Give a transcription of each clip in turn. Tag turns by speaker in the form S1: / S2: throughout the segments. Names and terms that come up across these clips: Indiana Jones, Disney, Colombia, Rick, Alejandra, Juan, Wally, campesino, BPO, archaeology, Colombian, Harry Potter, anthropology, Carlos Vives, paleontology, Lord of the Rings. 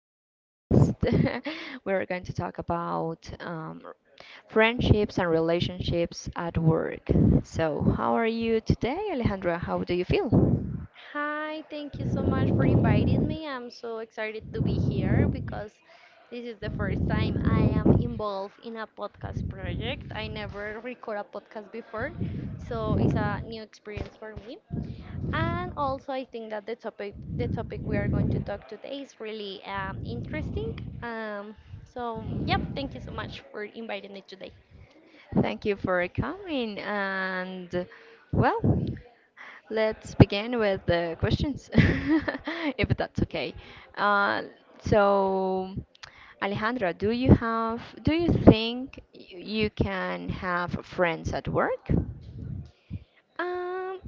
S1: special guest. We're going to talk about friendships and relationships at work. So, how are you today, Alejandra? How do you feel?
S2: Hi, thank you so much for inviting me. I'm so excited to be here because this is the first time I am involved in a podcast project. I never record a podcast before, so it's a new experience for me. And also, I think that the topic we are going to talk today is really interesting. Um, so, yep, thank you so much for inviting me today.
S1: Thank you for coming. And well, let's begin with the questions, if that's okay. Uh, so, Alejandra, do you think you can have friends at work,
S2: Um,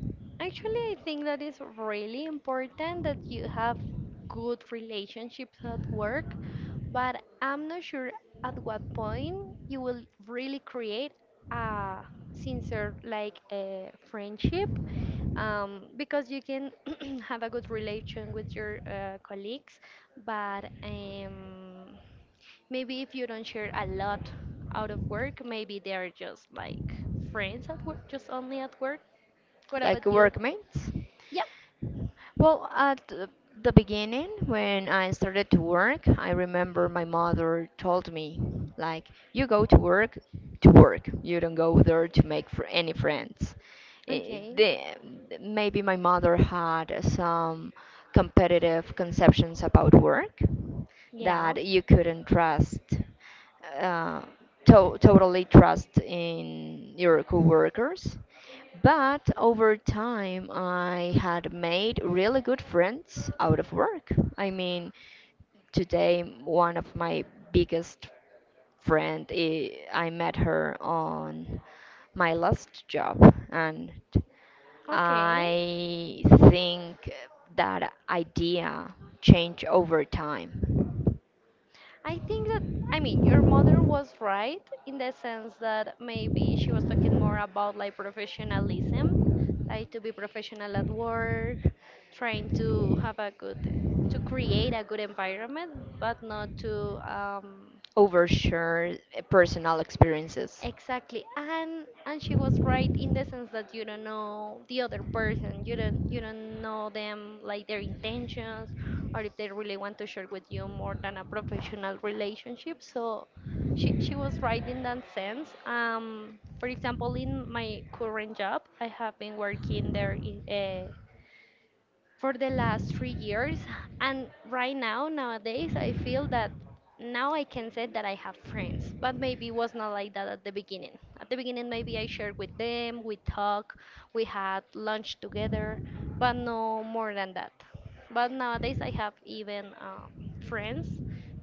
S2: actually, I think that is really important that you have good relationships at work, but I'm not sure at what point you will really create a sincere like a friendship. Because you can have a good relation with your colleagues, but maybe if you don't share a lot out of work, maybe they are just like friends at work, just only at work. What
S1: like
S2: about you?
S1: workmates?
S2: Yeah.
S1: Well, at the beginning, when I started to work, I remember my mother told me, like, you go to work to work. You don't go there to make fr any friends. Eh,
S2: Okay.
S1: the- Maybe my mother had some competitive conceptions about work
S2: Yeah.
S1: that you couldn't uh, totally trust in your coworkers. But over time, I had made really good friends out of work. I mean, today, one of my biggest friend, I met her on my last job, and
S2: Okay.
S1: I think that idea changed over time.
S2: I think that, I mean, your mother was right in the sense that maybe she was talking more about like professionalism, like to be professional at work, trying to have a good, to create a good environment, but not to
S1: Overshare personal experiences.
S2: exactly. And she was right in the sense that you don't know the other person. You don't know them like their intentions or if they really want to share with you more than a professional relationship. So she was right in that sense. Um, for example, in my current job, I have been working there in, for the last 3 years. And right now, nowadays, I feel that now I can say that I have friends, but maybe it was not like that at the beginning. At the beginning, maybe I shared with them, we talk, we had lunch together, but no more than that. But nowadays, I have even friends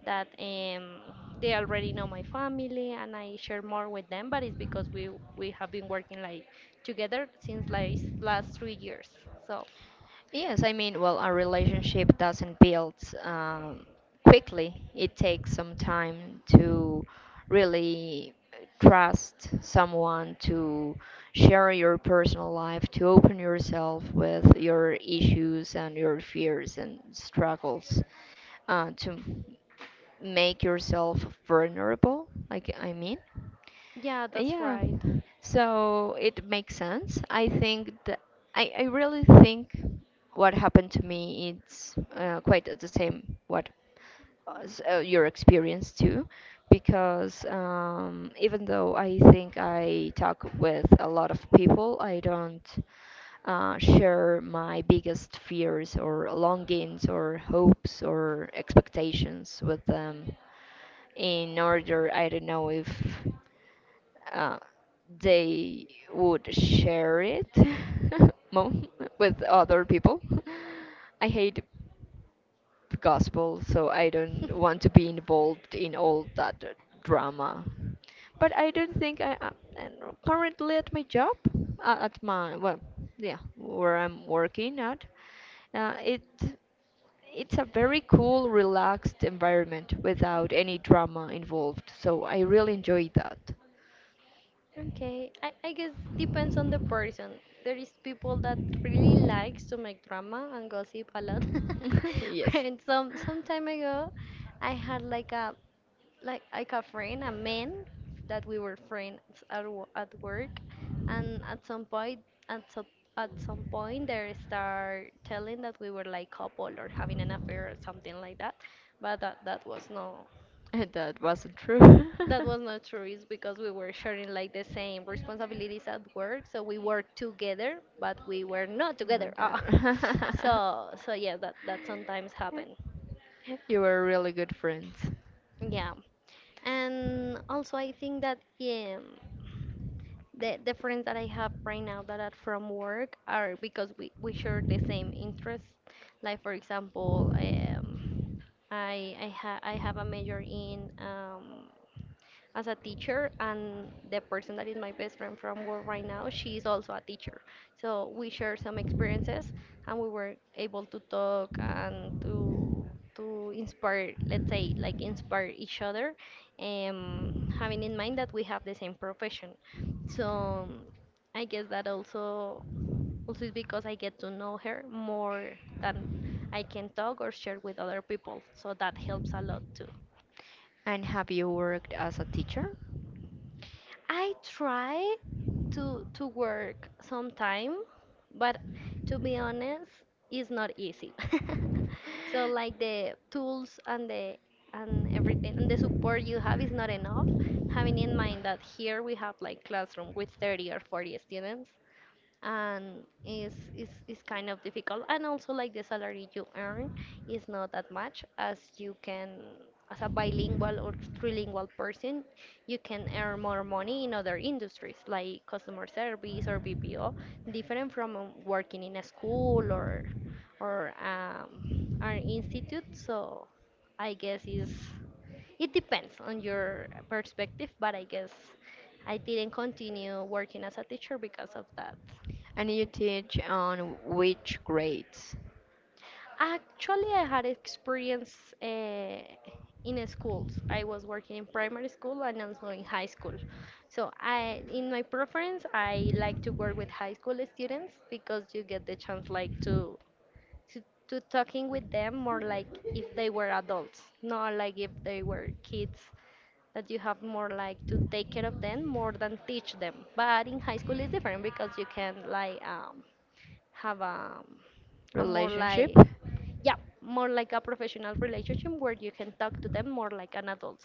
S2: that they already know my family and I share more with them, but it's because we have been working like together since like last 3 years. So
S1: Yes, I mean, well, a relationship doesn't build um, quickly. It takes some time to really trust someone, to share your personal life, to open yourself with your issues and your fears and struggles, to make yourself vulnerable, like I mean.
S2: yeah, that's
S1: Yeah,
S2: right.
S1: so it makes sense. I think that I really think what happened to me it's quite the same what was, your experience too, because even though I think I talk with a lot of people, I don't share my biggest fears or longings or hopes or expectations with them in order I don't know if uh, they would share it mom with other people. I hate gospel, so I don't want to be involved in all that drama. But I don't think I am currently at my job, at my, well, yeah, where I'm working at, uh, it it's a very cool, relaxed environment without any drama involved, so I really enjoyed that.
S2: Okay, I guess depends on the person. There is people that really likes to make drama and gossip a lot.
S1: Yes.
S2: And some some time ago, I had like a like a friend, a man that we were friends at at work, and at some point at some at some point they start telling that we were like couple or having an affair or something like that, but that was no.
S1: That wasn't true.
S2: That was not true. It's because we were sharing like the same responsibilities at work, so we worked together, but we were not together.
S1: Not
S2: Ah.
S1: that.
S2: So, so yeah, that sometimes happen.
S1: You were really good friends.
S2: Yeah, and also I think that yeah, the friends that I have right now that are from work are because we share the same interests. Like for example, I have a major in as a teacher and the person that is my best friend from work right now, she is also a teacher, so we share some experiences and we were able to talk and to inspire, let's say like inspire each other, um, having in mind that we have the same profession. So I guess that also is because I get to know her more than I can talk or share with other people, so that helps a lot.
S1: And have you worked as a teacher?
S2: I try to work sometime, but to be honest, it's not easy. So like the tools and the and everything and the support you have is not enough. Having in mind that here we have like classroom with 30 or 40 students, and is kind of difficult, and also like the salary you earn is not that much. As you can, as a bilingual or trilingual person, you can earn more money in other industries like customer service or BPO, different from working in a school or or um, an institute. So I guess is, it depends on your perspective, but I guess I didn't continue working as a teacher because of that.
S1: And you teach on which grades?
S2: Actually, I had experience in schools. I was working in primary school and also in high school. So I, in my preference, I like to work with high school students because you get the chance like to, to talking with them more like if they were adults, not like if they were kids. That you have more like to take care of them more than teach them. But in high school it's different because you can like have a more
S1: Relationship?
S2: like yeah, more like a professional relationship where you can talk to them more like an adult.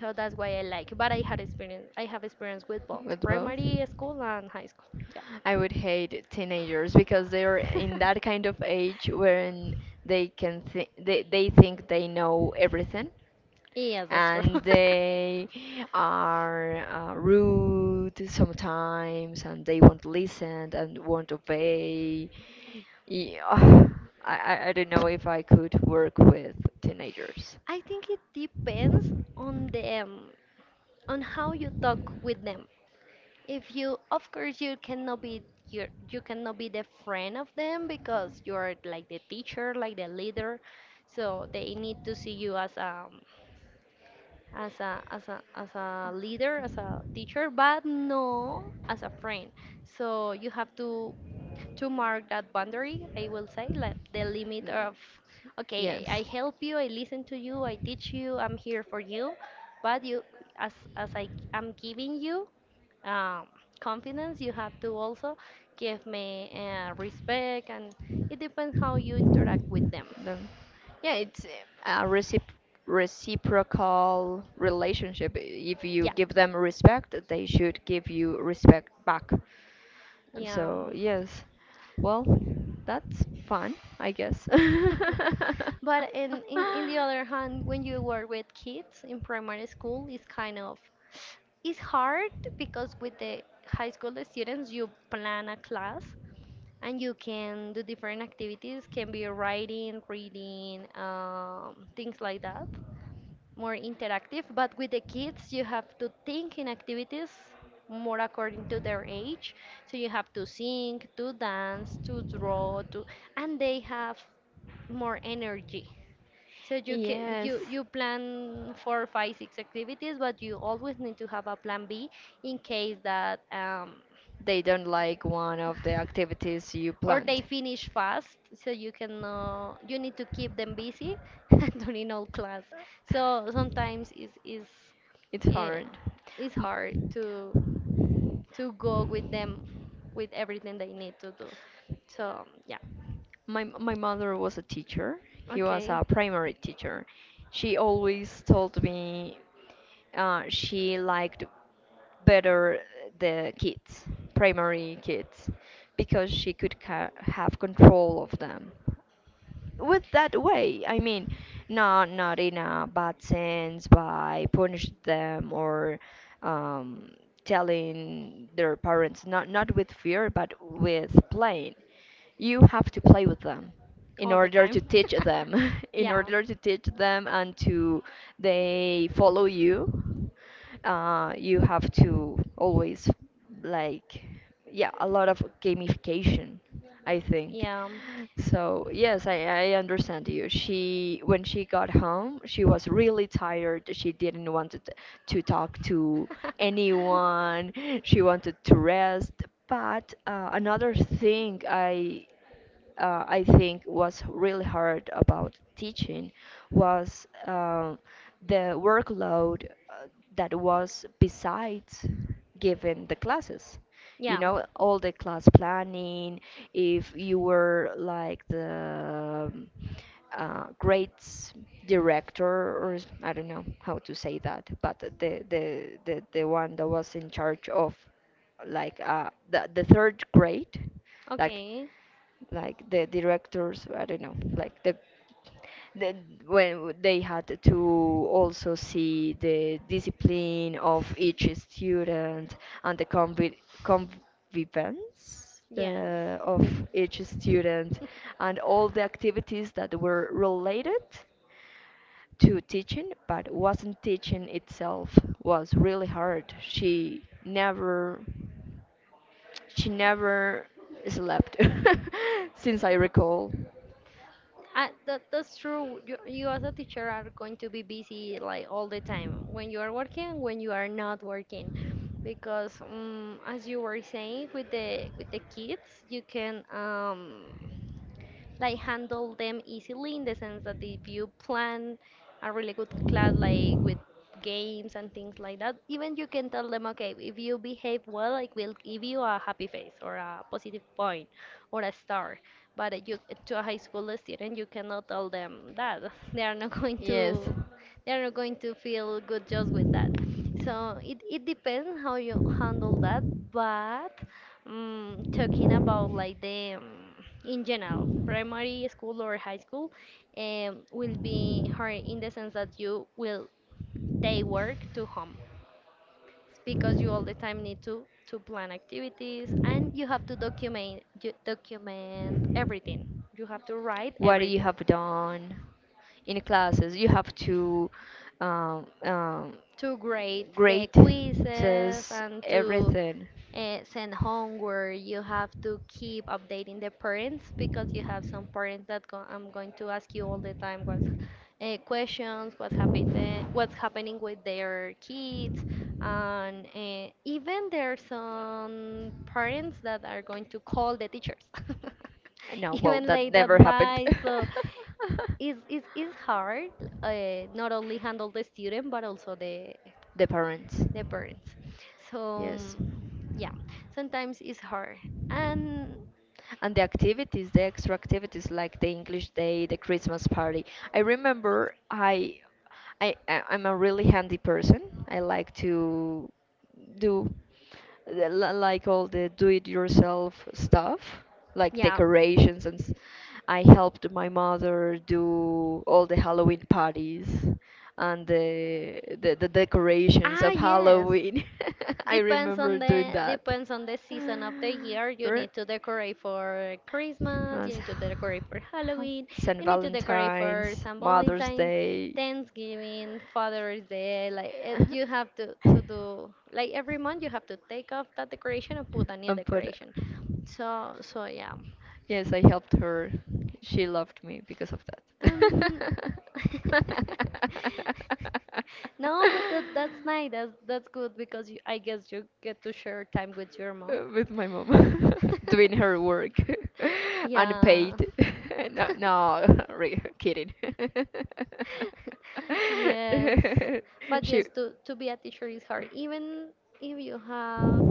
S2: So that's why I like, but I have experience with both
S1: With both?
S2: primary school and high school. Yeah.
S1: I would hate teenagers because they're in that kind of age wherein they think they know everything,
S2: Yes, that's true.
S1: and they are rude sometimes and they won't listen and won't obey. Yeah, I don't know if I could work with teenagers.
S2: I think it depends on them, on how you talk with them. If you, of course, you cannot be you cannot be the friend of them because you're like the teacher, like the leader. So they need to see you as a, as a leader, as a teacher, but no as a friend. So you have to mark that boundary. I will say like the
S1: Mm.
S2: limit of, okay, I
S1: Yes.
S2: help you, I listen to you, I teach you, I'm here for you, but you, as I am giving you um, confidence. You have to also give me respect, and it depends how you interact with them.
S1: The, yeah, it's a reciprocal relationship. If you
S2: Yeah,
S1: give them respect, they should give you respect back. And
S2: yeah.
S1: so, yes. Well, that's fun, I guess.
S2: But in, in the other hand, when you work with kids in primary school, it's kind of, it's hard, because with the high school students, you plan a class and you can do different activities, can be writing, reading, things like that, more interactive, but with the kids, you have to think in activities more according to their age. So you have to sing, to dance, to draw, to, and they have more energy. So you can,
S1: Yes.
S2: you plan four, five, six activities, but you always need to have a plan B in case that
S1: They don't like one of the activities you
S2: or they
S1: planned.
S2: finish fast, so you can you need to keep them busy during all class. So sometimes
S1: It's
S2: eh,
S1: hard.
S2: it's
S1: M-
S2: hard to go with them with everything they need to do. So yeah.
S1: my mother was a teacher. He was
S2: Okay,
S1: a primary teacher. She always told me she liked better the kids, primary kids, because she could have control of them. With that way. I mean, not in a bad sense by punishing them or um, telling their parents. Not with fear, but with playing. You have to play with them in
S2: all the
S1: order
S2: time.
S1: to teach them, in
S2: Yeah,
S1: order to teach them and to they follow you. You have to always, like, yeah, a lot of gamification, I think.
S2: yeah.
S1: So yes, I understand you. She When she got home, she was really tired. She didn't want to, to talk to anyone. She wanted to rest. But another thing I think was really hard about teaching was the workload that was besides giving the classes. You
S2: Yeah.
S1: know, all the class planning, if you were like the grades director, or I don't know how to say that, but the one that was in charge of like the third grade, like
S2: Okay.
S1: the directors, I don't know, like the, when they had to also see the discipline of each student and the convivence
S2: Yes.
S1: of each student and all the activities that were related to teaching but wasn't teaching itself was really hard. She never slept since I recall.
S2: That's true. You as a teacher are going to be busy like all the time when you are working, when you are not working, because as you were saying with the kids, you can like handle them easily in the sense that if you plan a really good class like with games and things like that, even you can tell them okay if you behave well I will give you a happy face or a positive point or a star, but you, to a high school student you cannot tell them that. they are not going
S1: Yes.
S2: to they are not going to feel good just with that. So it depends how you handle that, but, mm, talking about like the in general primary school or high school, will be hard in the sense that you will take work to home, because you all the time need to plan activities and you have to document, you document everything, you have to write
S1: What you
S2: everything,
S1: have done in classes? You have to um, um,
S2: to grade the
S1: grade,
S2: quizzes
S1: says
S2: and to
S1: everything.
S2: send homework. You have to keep updating the parents because you have some parents that go, I'm going to ask you all the time what's questions, what's happening with their kids, and even there are some parents that are going to call the teachers.
S1: No, well,
S2: Even
S1: that
S2: late at
S1: never happened.
S2: night, so it's hard, not only handle the student but also
S1: The parents.
S2: the parents. So
S1: Yes.
S2: yeah, sometimes it's hard. And
S1: And the activities, the extra activities like the English day, the Christmas party, I remember, I'm a really handy person. I like to do like all the do it yourself stuff, like
S2: yeah.
S1: decorations I helped my mother do all the Halloween parties and the decorations
S2: Ah,
S1: of
S2: yes.
S1: Halloween. I
S2: Depends on
S1: remember doing
S2: the
S1: that.
S2: season of the year. You
S1: Right?
S2: need to decorate for Christmas, you
S1: Was
S2: need to decorate for Halloween,
S1: Saint
S2: you need to decorate for
S1: Valentine's,
S2: St.
S1: Mother's
S2: Valentine,
S1: Day.
S2: Thanksgiving, Father's Day. Like it, you have to do like every month you have to take off that decoration and put a new
S1: But
S2: decoration. So so yeah.
S1: yes, I helped her. She loved me because of
S2: Um,
S1: that.
S2: no, but that's nice. That's good because you, I guess you get to share time with your mom.
S1: With my mom doing her work
S2: Yeah.
S1: unpaid. No, no, kidding.
S2: Yes. But
S1: She,
S2: yes, to be a teacher is hard. Even if you have,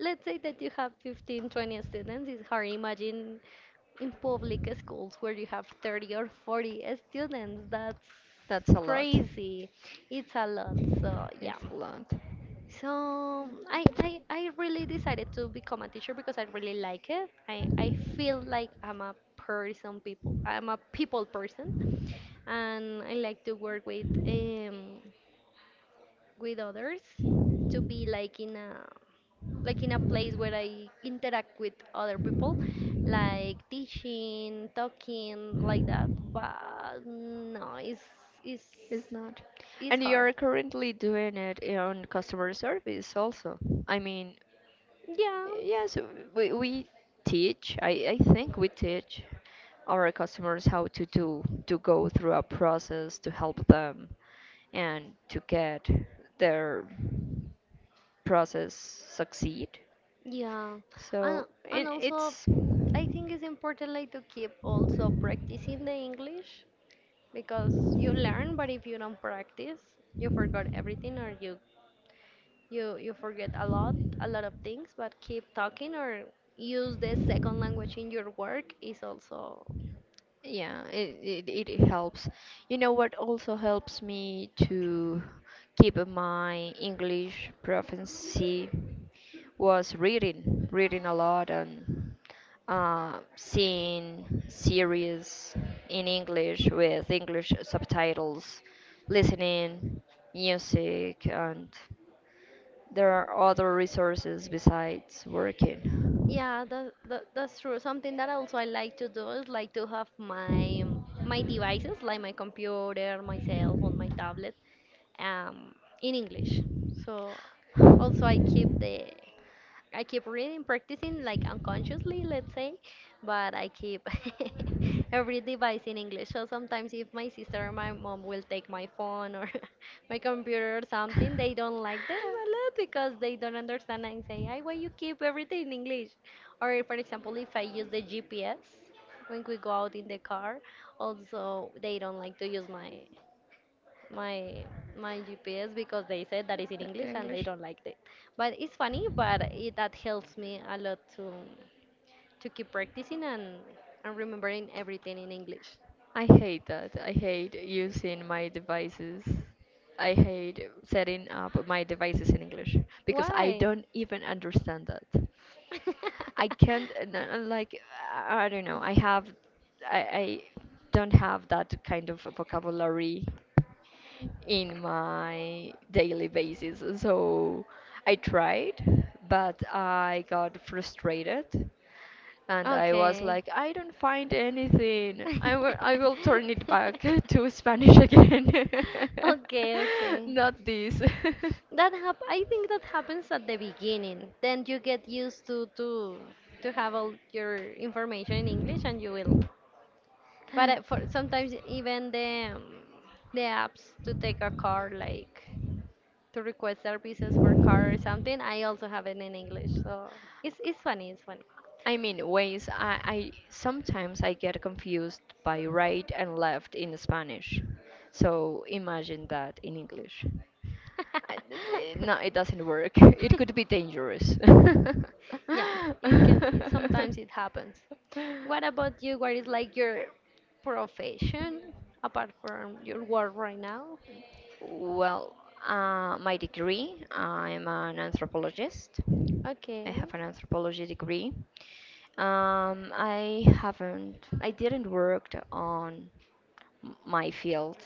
S2: let's say that you have 15, 20 students, it's hard. Imagine in public schools where you have 30 or 40 students. That's
S1: that's a lot.
S2: crazy. It's a lot. So,
S1: It's
S2: yeah.
S1: a lot.
S2: So I really decided to become a teacher because I really like it. I feel like I'm a person people. I'm a people person, and I like to work with others to be like in a place where I interact with other people, like teaching, talking, like that. But no, it's
S1: It's not.
S2: it's
S1: And you
S2: hard.
S1: are currently doing it on customer service also. I mean,
S2: Yeah,
S1: yes, we teach. I think we teach our customers how to go through a process to help them and to get their process succeed.
S2: yeah,
S1: So
S2: and and
S1: it,
S2: also
S1: it's
S2: I think it's important like to keep also practicing the English because you learn, but if you don't practice, you forgot everything or you forget a lot of things. But keep talking or use the second language in your work is also
S1: yeah, it helps. You know what also helps me to keep my English proficiency was reading, reading a lot and seeing series in English with English subtitles, listening, music, and there are other resources besides working.
S2: yeah, that's true. Something that also I like to do is like to have my my devices, like my computer, my cell phone, my tablet, um, in English. So also I keep the I keep reading, practicing like unconsciously, let's say, but I keep every device in English. So sometimes if my sister or my mom will take my phone or my computer or something, they don't like them a lot because they don't understand and say, "I why you keep everything in English?" Or for example, if I use the GPS when we go out in the car, also they don't like to use my my GPS because they said that is in English and they
S1: English.
S2: don't like it. But it's funny, but it, that helps me a lot to keep practicing and remembering everything in English.
S1: I hate that. I hate using my devices. I hate setting up my devices in English because I
S2: Why?
S1: don't even understand that. I can't and I'm like, I don't know. I don't have that kind of vocabulary in my daily basis. So I tried, but I got frustrated and I was
S2: Okay.
S1: like, I don't find anything. I will, I will turn it back to Spanish again.
S2: Okay, okay.
S1: Not this.
S2: That hap- I think that happens at the beginning. Then you get used to have all your information in English, and you will. But for sometimes even the apps to take a car like to request services for car or something. I also have it in English, so it's funny. It's funny.
S1: I mean, ways I sometimes I get confused by right and left in Spanish. So imagine that in English. No, it doesn't work. It could be dangerous.
S2: Yeah, it can. It, sometimes it happens. What about you? What is like your profession apart from your work right now?
S1: Well, my degree, I'm an anthropologist. I
S2: Okay,
S1: have an anthropology degree. I didn't work on my field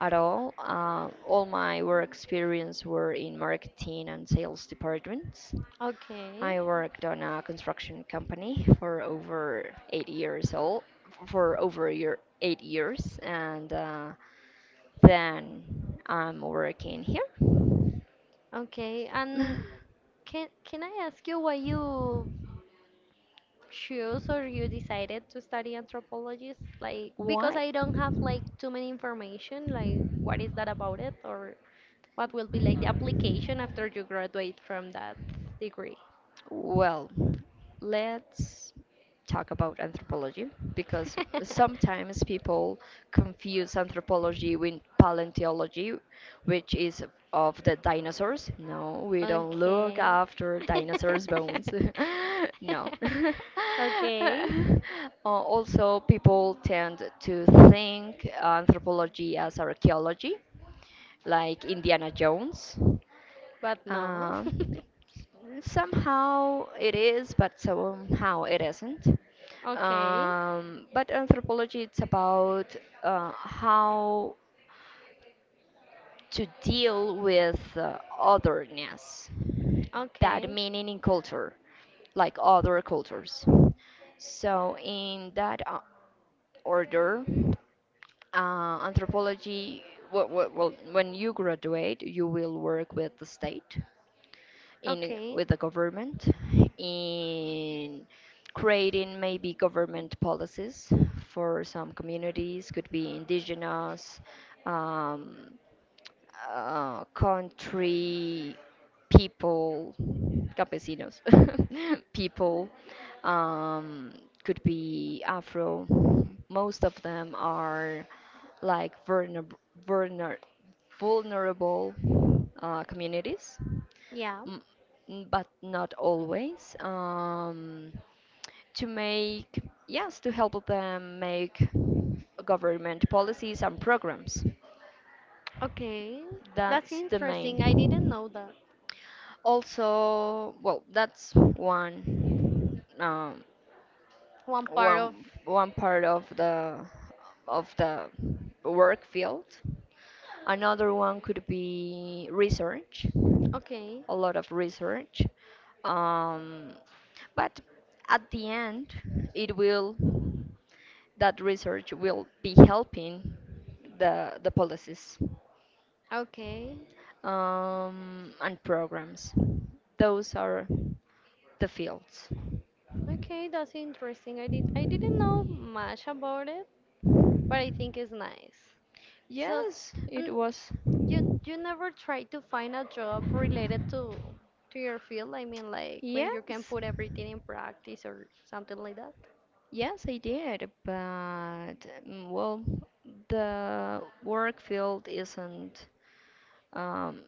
S1: at all. All my work experience were in marketing and sales departments.
S2: okay,
S1: I worked on a construction company for over 8 years old, for over a year, 8 years, and then I'm working here.
S2: okay. And can I ask you why you choose or you decided to study anthropology? Like, because
S1: Why?
S2: I don't have like too many information, like what is that about it or what will be like the application after you graduate from that degree?
S1: Well, let's talk about anthropology because sometimes people confuse anthropology with paleontology, which is of the dinosaurs. No, we don't look
S2: Okay.
S1: after dinosaurs' bones. No.
S2: Okay,
S1: Uh, Also, people tend to think anthropology as archaeology, like Indiana Jones.
S2: but no.
S1: Uh, Somehow it is, but somehow it isn't.
S2: Okay,
S1: But anthropology, it's about how to deal with otherness, that
S2: okay,
S1: meaning in culture, like other cultures. So, in that order, anthropology, well, well, when you graduate, you will work with the state, in
S2: okay,
S1: with the government, in creating maybe government policies for some communities, could be indigenous, um, country people, campesinos, people, um, could be afro, most of them are like vulner- vulnerable communities.
S2: yeah,
S1: Mm, but not always. To make, yes, to help them make government policies and programs.
S2: okay. That's
S1: That's the
S2: interesting. I didn't
S1: main.
S2: know that.
S1: Also, well, that's one,
S2: One part of,
S1: one part of the of the work field. Another one could be research.
S2: okay.
S1: A lot of research. Um, but at the end, it will that research will be helping the policies
S2: Okay.
S1: and programs. Those are the fields.
S2: Okay, that's interesting. I did I didn't know much about it, but I think it's nice. So,
S1: Yes, it
S2: and
S1: was.
S2: you never try to find a job related to your field? I mean, like when you can
S1: Yes.
S2: put everything in practice or something like that?
S1: Yes, I did, but well, the work field isn't um,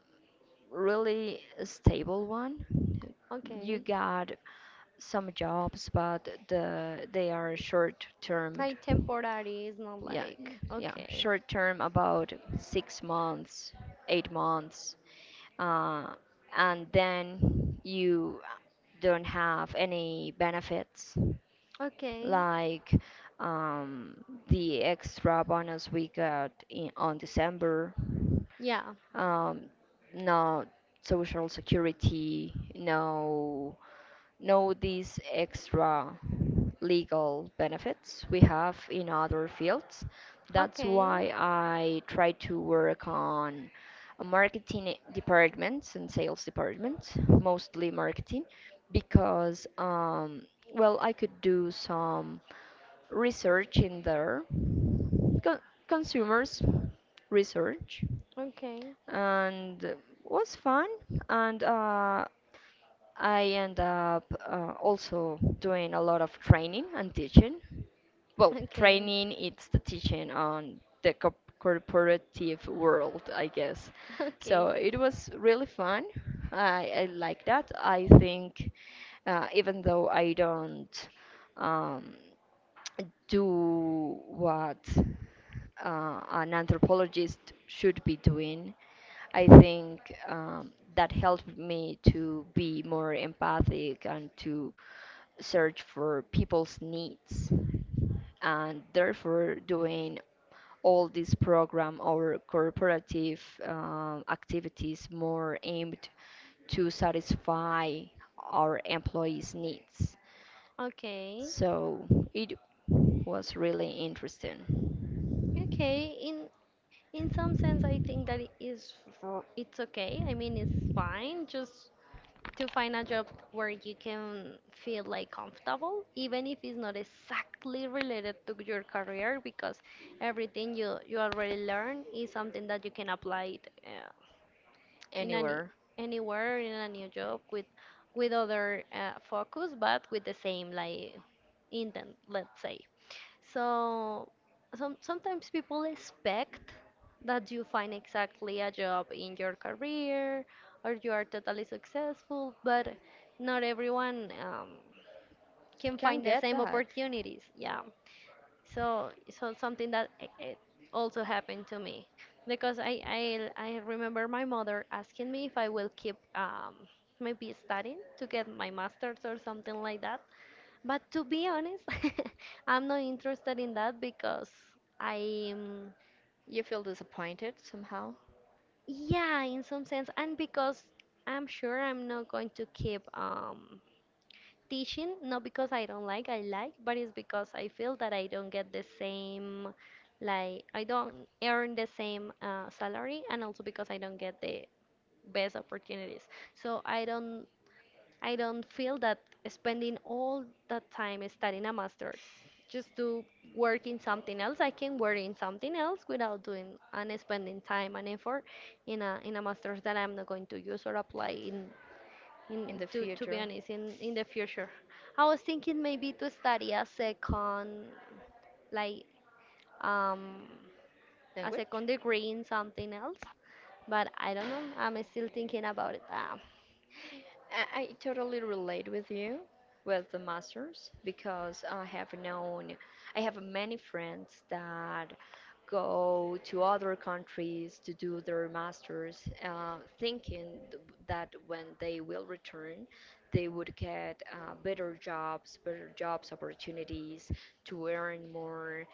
S1: really a stable one. You
S2: Okay.
S1: got some jobs, but they are short term.
S2: Like temporary is not
S1: Yeah,
S2: like
S1: yeah,
S2: okay.
S1: short term, about 6 months, 8 months, uh, and then you don't have any benefits
S2: Okay.
S1: like um, the extra bonus we got in on December,
S2: Yeah.
S1: um, no social security, no these extra legal benefits we have in other fields. That's
S2: Okay.
S1: why I try to work on a marketing departments and sales departments, mostly marketing, because well, I could do some research in there, Con- consumers research,
S2: Okay.
S1: and it was fun, and I end up also doing a lot of training and teaching. Well,
S2: Okay.
S1: training it's the teaching on the corporative world, I guess.
S2: Okay.
S1: So it was really fun. I like that. I think even though I don't um, do what an anthropologist should be doing, I think that helped me to be more empathic and to search for people's needs. And therefore, doing all this program or corporative activities more aimed to satisfy our employees' needs.
S2: Okay.
S1: So it was really interesting.
S2: Okay. In some sense, I think that it is r- it's okay. I mean, it's fine just to find a job where you can feel like comfortable, even if it's not exactly related to your career, because everything you you already learn is something that you can apply it, in any
S1: Anywhere
S2: anywhere in a new job with other focus, but with the same like intent, let's say. So some sometimes people expect that you find exactly a job in your career or you are totally successful, but not everyone can
S1: can
S2: find the
S1: get
S2: same
S1: that.
S2: opportunities. Yeah. So so something that it also happened to me because I remember my mother asking me if I will keep maybe studying to get my master's or something like that but to be honest, I'm not interested in that because I'm,
S1: You feel disappointed somehow?
S2: yeah, in some sense, and because I'm sure I'm not going to keep teaching, not because I don't like, I like, but it's because I feel that I don't get the same, like, I don't earn the same salary, and also because I don't get the best opportunities. So I don't feel that spending all that time studying a master's just to work in something else. I can work in something else without doing and spending time and effort in a master's that I'm not going to use or apply in
S1: In the
S2: to be
S1: future
S2: honest in the future. I was thinking maybe to study a second like um a
S1: language.
S2: second degree in something else, but I don't know. I'm still thinking about it.
S1: I totally relate with you with the masters because I have many friends that go to other countries to do their masters, thinking that when they will return, they would get better jobs opportunities to earn more.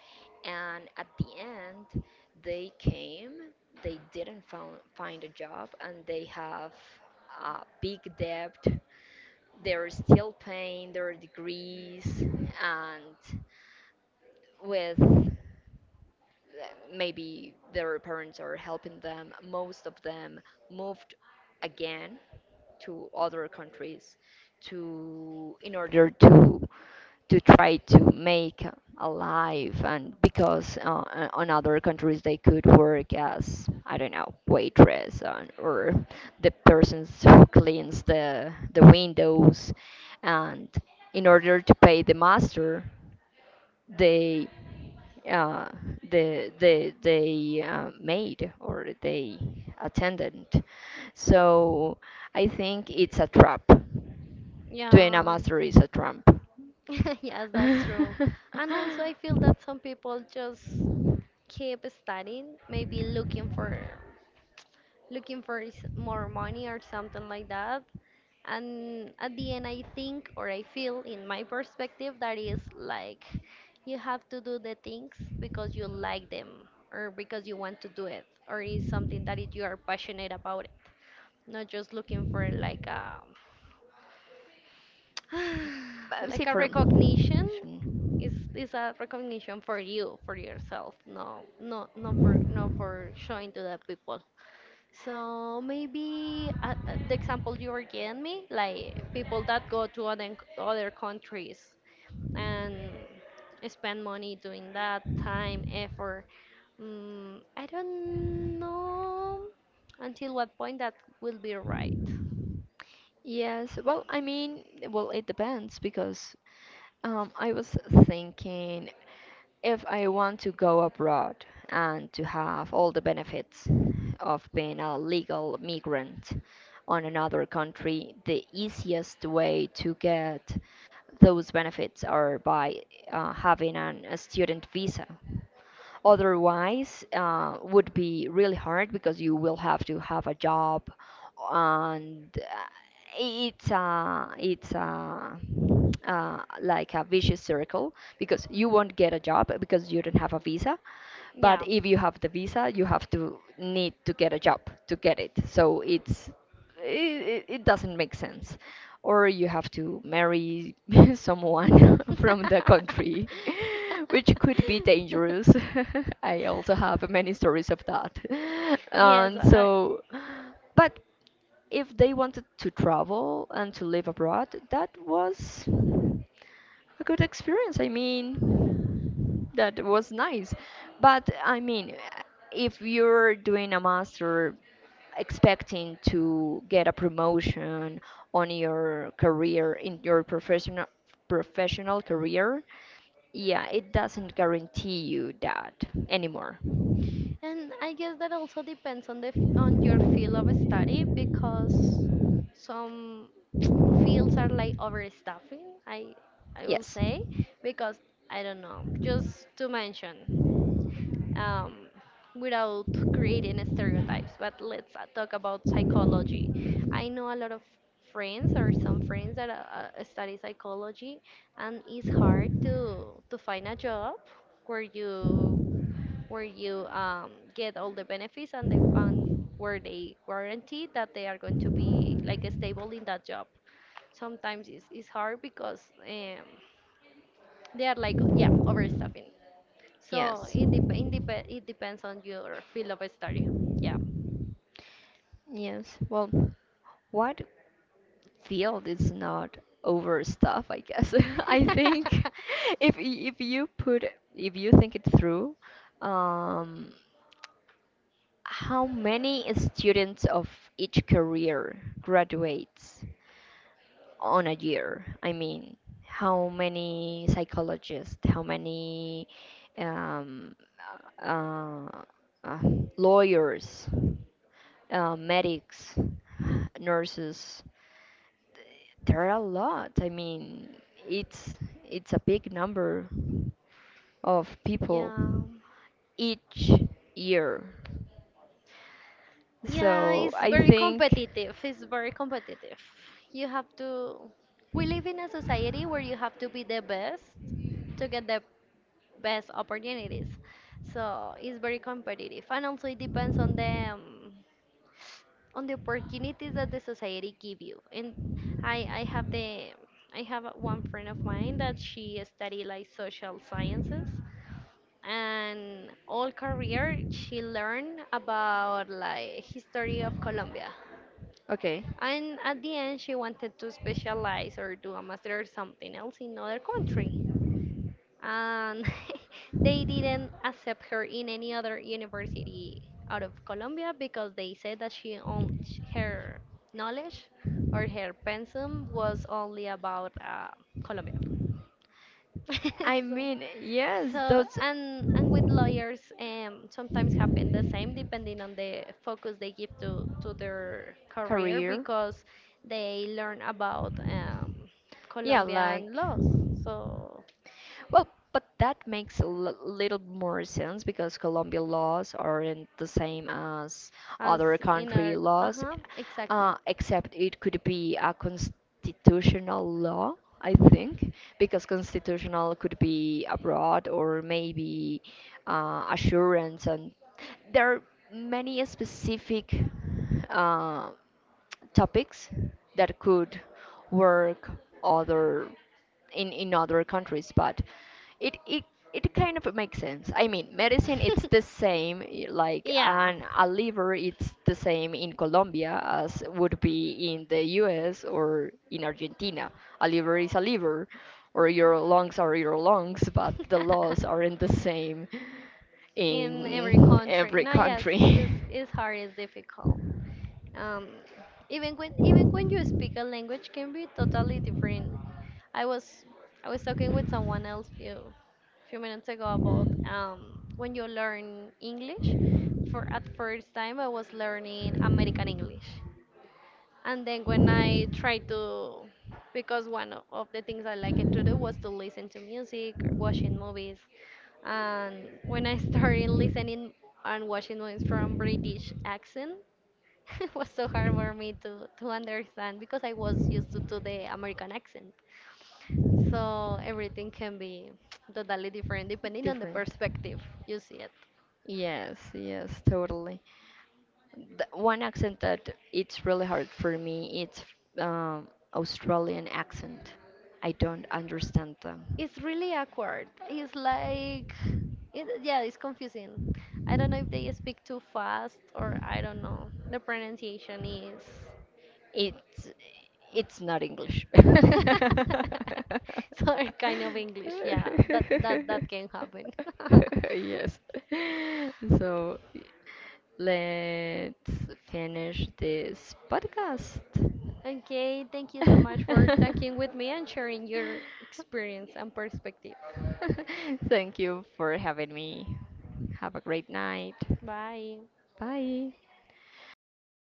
S1: And at the end, they came they didn't found, find a job and they have a big debt. They're still paying their degrees and with uh, maybe their parents are helping them. Most of them moved again to other countries to in order to try to make a life. And because on other countries they could work as, I don't know, waitress and, or the persons who cleans the windows and in order to pay the master they uh, the they made or they attended. So I think it's a trap. Doing a
S2: Yeah.
S1: master is a trap.
S2: Yes, that's true. And also, I feel that some people just keep studying, maybe looking for looking for s- more money or something like that. And at the end, I think or I feel, in my perspective, that is like you have to do the things because you like them or because you want to do it or is something that it, you are passionate about it, not just looking for like a
S1: But
S2: like
S1: see
S2: a
S1: for.
S2: recognition.
S1: Sure.
S2: It's a recognition for you, for yourself, no, no, not for, not for showing to the people. So maybe the example you were giving me, like people that go to other other countries and spend money doing that time, effort. Mm, I don't know until what point that will be right.
S1: Yes, well, I mean, well, it depends because I was thinking, if I want to go abroad and to have all the benefits of being a legal migrant on another country, the easiest way to get those benefits are by having a student visa. Otherwise, would be really hard because you will have to have a job, and it's like a vicious circle because you won't get a job because you don't have a visa, but
S2: Yeah.
S1: if you have the visa, you have to need to get a job to get it. So it doesn't make sense. Or you have to marry someone from the country, which could be dangerous. I also have many stories of that.
S2: Yes,
S1: And
S2: I,
S1: so, but if they wanted to travel and to live abroad, that was a good experience. I mean, that was nice. But I mean, if you're doing a master expecting to get a promotion on your career, in your professional career, yeah, it doesn't guarantee you that anymore.
S2: and I guess that also depends on the f- on your field of study because some fields are like overstaffing. I will
S1: Yes.
S2: say because I don't know. Just to mention, um, without creating stereotypes. But let's talk about psychology. I know a lot of friends or some friends that study psychology, and it's hard to find a job where you where you get all the benefits and the and where they guarantee that they are going to be like stable in that job. Sometimes it's hard because they are like yeah overstaffing so
S1: Yes.
S2: it dep it, dep it depends on your field of study. Yeah.
S1: Yes. Well, what field is not overstuffed, I guess? I think, if you put, if you think it through, um, how many students of each career graduates on a year? I mean, how many psychologists, how many um, uh, uh, lawyers, medics, nurses? There are a lot. I mean, it's it's a big number of people
S2: Yeah.
S1: each year.
S2: Yeah,
S1: So
S2: it's
S1: I
S2: very
S1: think,
S2: competitive. It's very competitive. You have to. We live in a society where you have to be the best to get the best opportunities. So it's very competitive. And also, it depends on the opportunities that the society give you. And I have the I have a- one friend of mine that she study like social sciences and all career she learned about like history of Colombia.
S1: okay.
S2: And at the end she wanted to specialize or do a master or something else in other country and they didn't accept her in any other university out of Colombia because they said that she on sh- her knowledge or her pensum was only about Colombia.
S1: I
S2: So,
S1: mean, yes,
S2: so
S1: those
S2: and with lawyers, sometimes happen the same depending on the focus they give to their career
S1: career.
S2: because they learn about
S1: Yeah, like,
S2: Colombian laws. So
S1: well, but that makes little more sense because Colombian laws aren't the same as
S2: as
S1: other
S2: in our
S1: country laws,
S2: uh-huh exactly.
S1: except it could be a constitutional law, I think, because constitutional could be abroad or maybe assurance, and there are many specific uh, topics that could work other in other countries. But it it it kind of makes sense. I mean, medicine, it's the same, like,
S2: Yeah.
S1: and a liver, it's the same in Colombia as would be in the US or in Argentina. A liver is a liver, or your lungs are your lungs, but the laws aren't the same
S2: In every
S1: in
S2: country
S1: every
S2: now, yes,
S1: country.
S2: it's hard, it's difficult, um even when you speak a language can be totally different. I was I was talking with someone else few few minutes ago about when you learn English for at first time I was learning American English. And then when I try to, because one o- of the things I liked to do was to listen to music, or watching movies. And when I started listening and watching movies from British accent, it was so hard for me to understand because I was used to the American accent. So everything can be totally different depending on the
S1: Different.
S2: perspective you see.
S1: Yes, yes, totally. The one accent that it's really hard for me, it's um, Australian accent. I don't understand them.
S2: It's really awkward. It's like, it, yeah, it's confusing. I don't know if they speak too fast or I don't know. The pronunciation is.
S1: It's it's not English.
S2: Sorry, kind of English. Yeah, that that that can happen.
S1: Yes. So let's finish this podcast.
S2: Okay, thank you so much for talking with me and sharing your experience and perspective.
S1: Thank you for having me. Have a great night.
S2: Bye.
S1: Bye.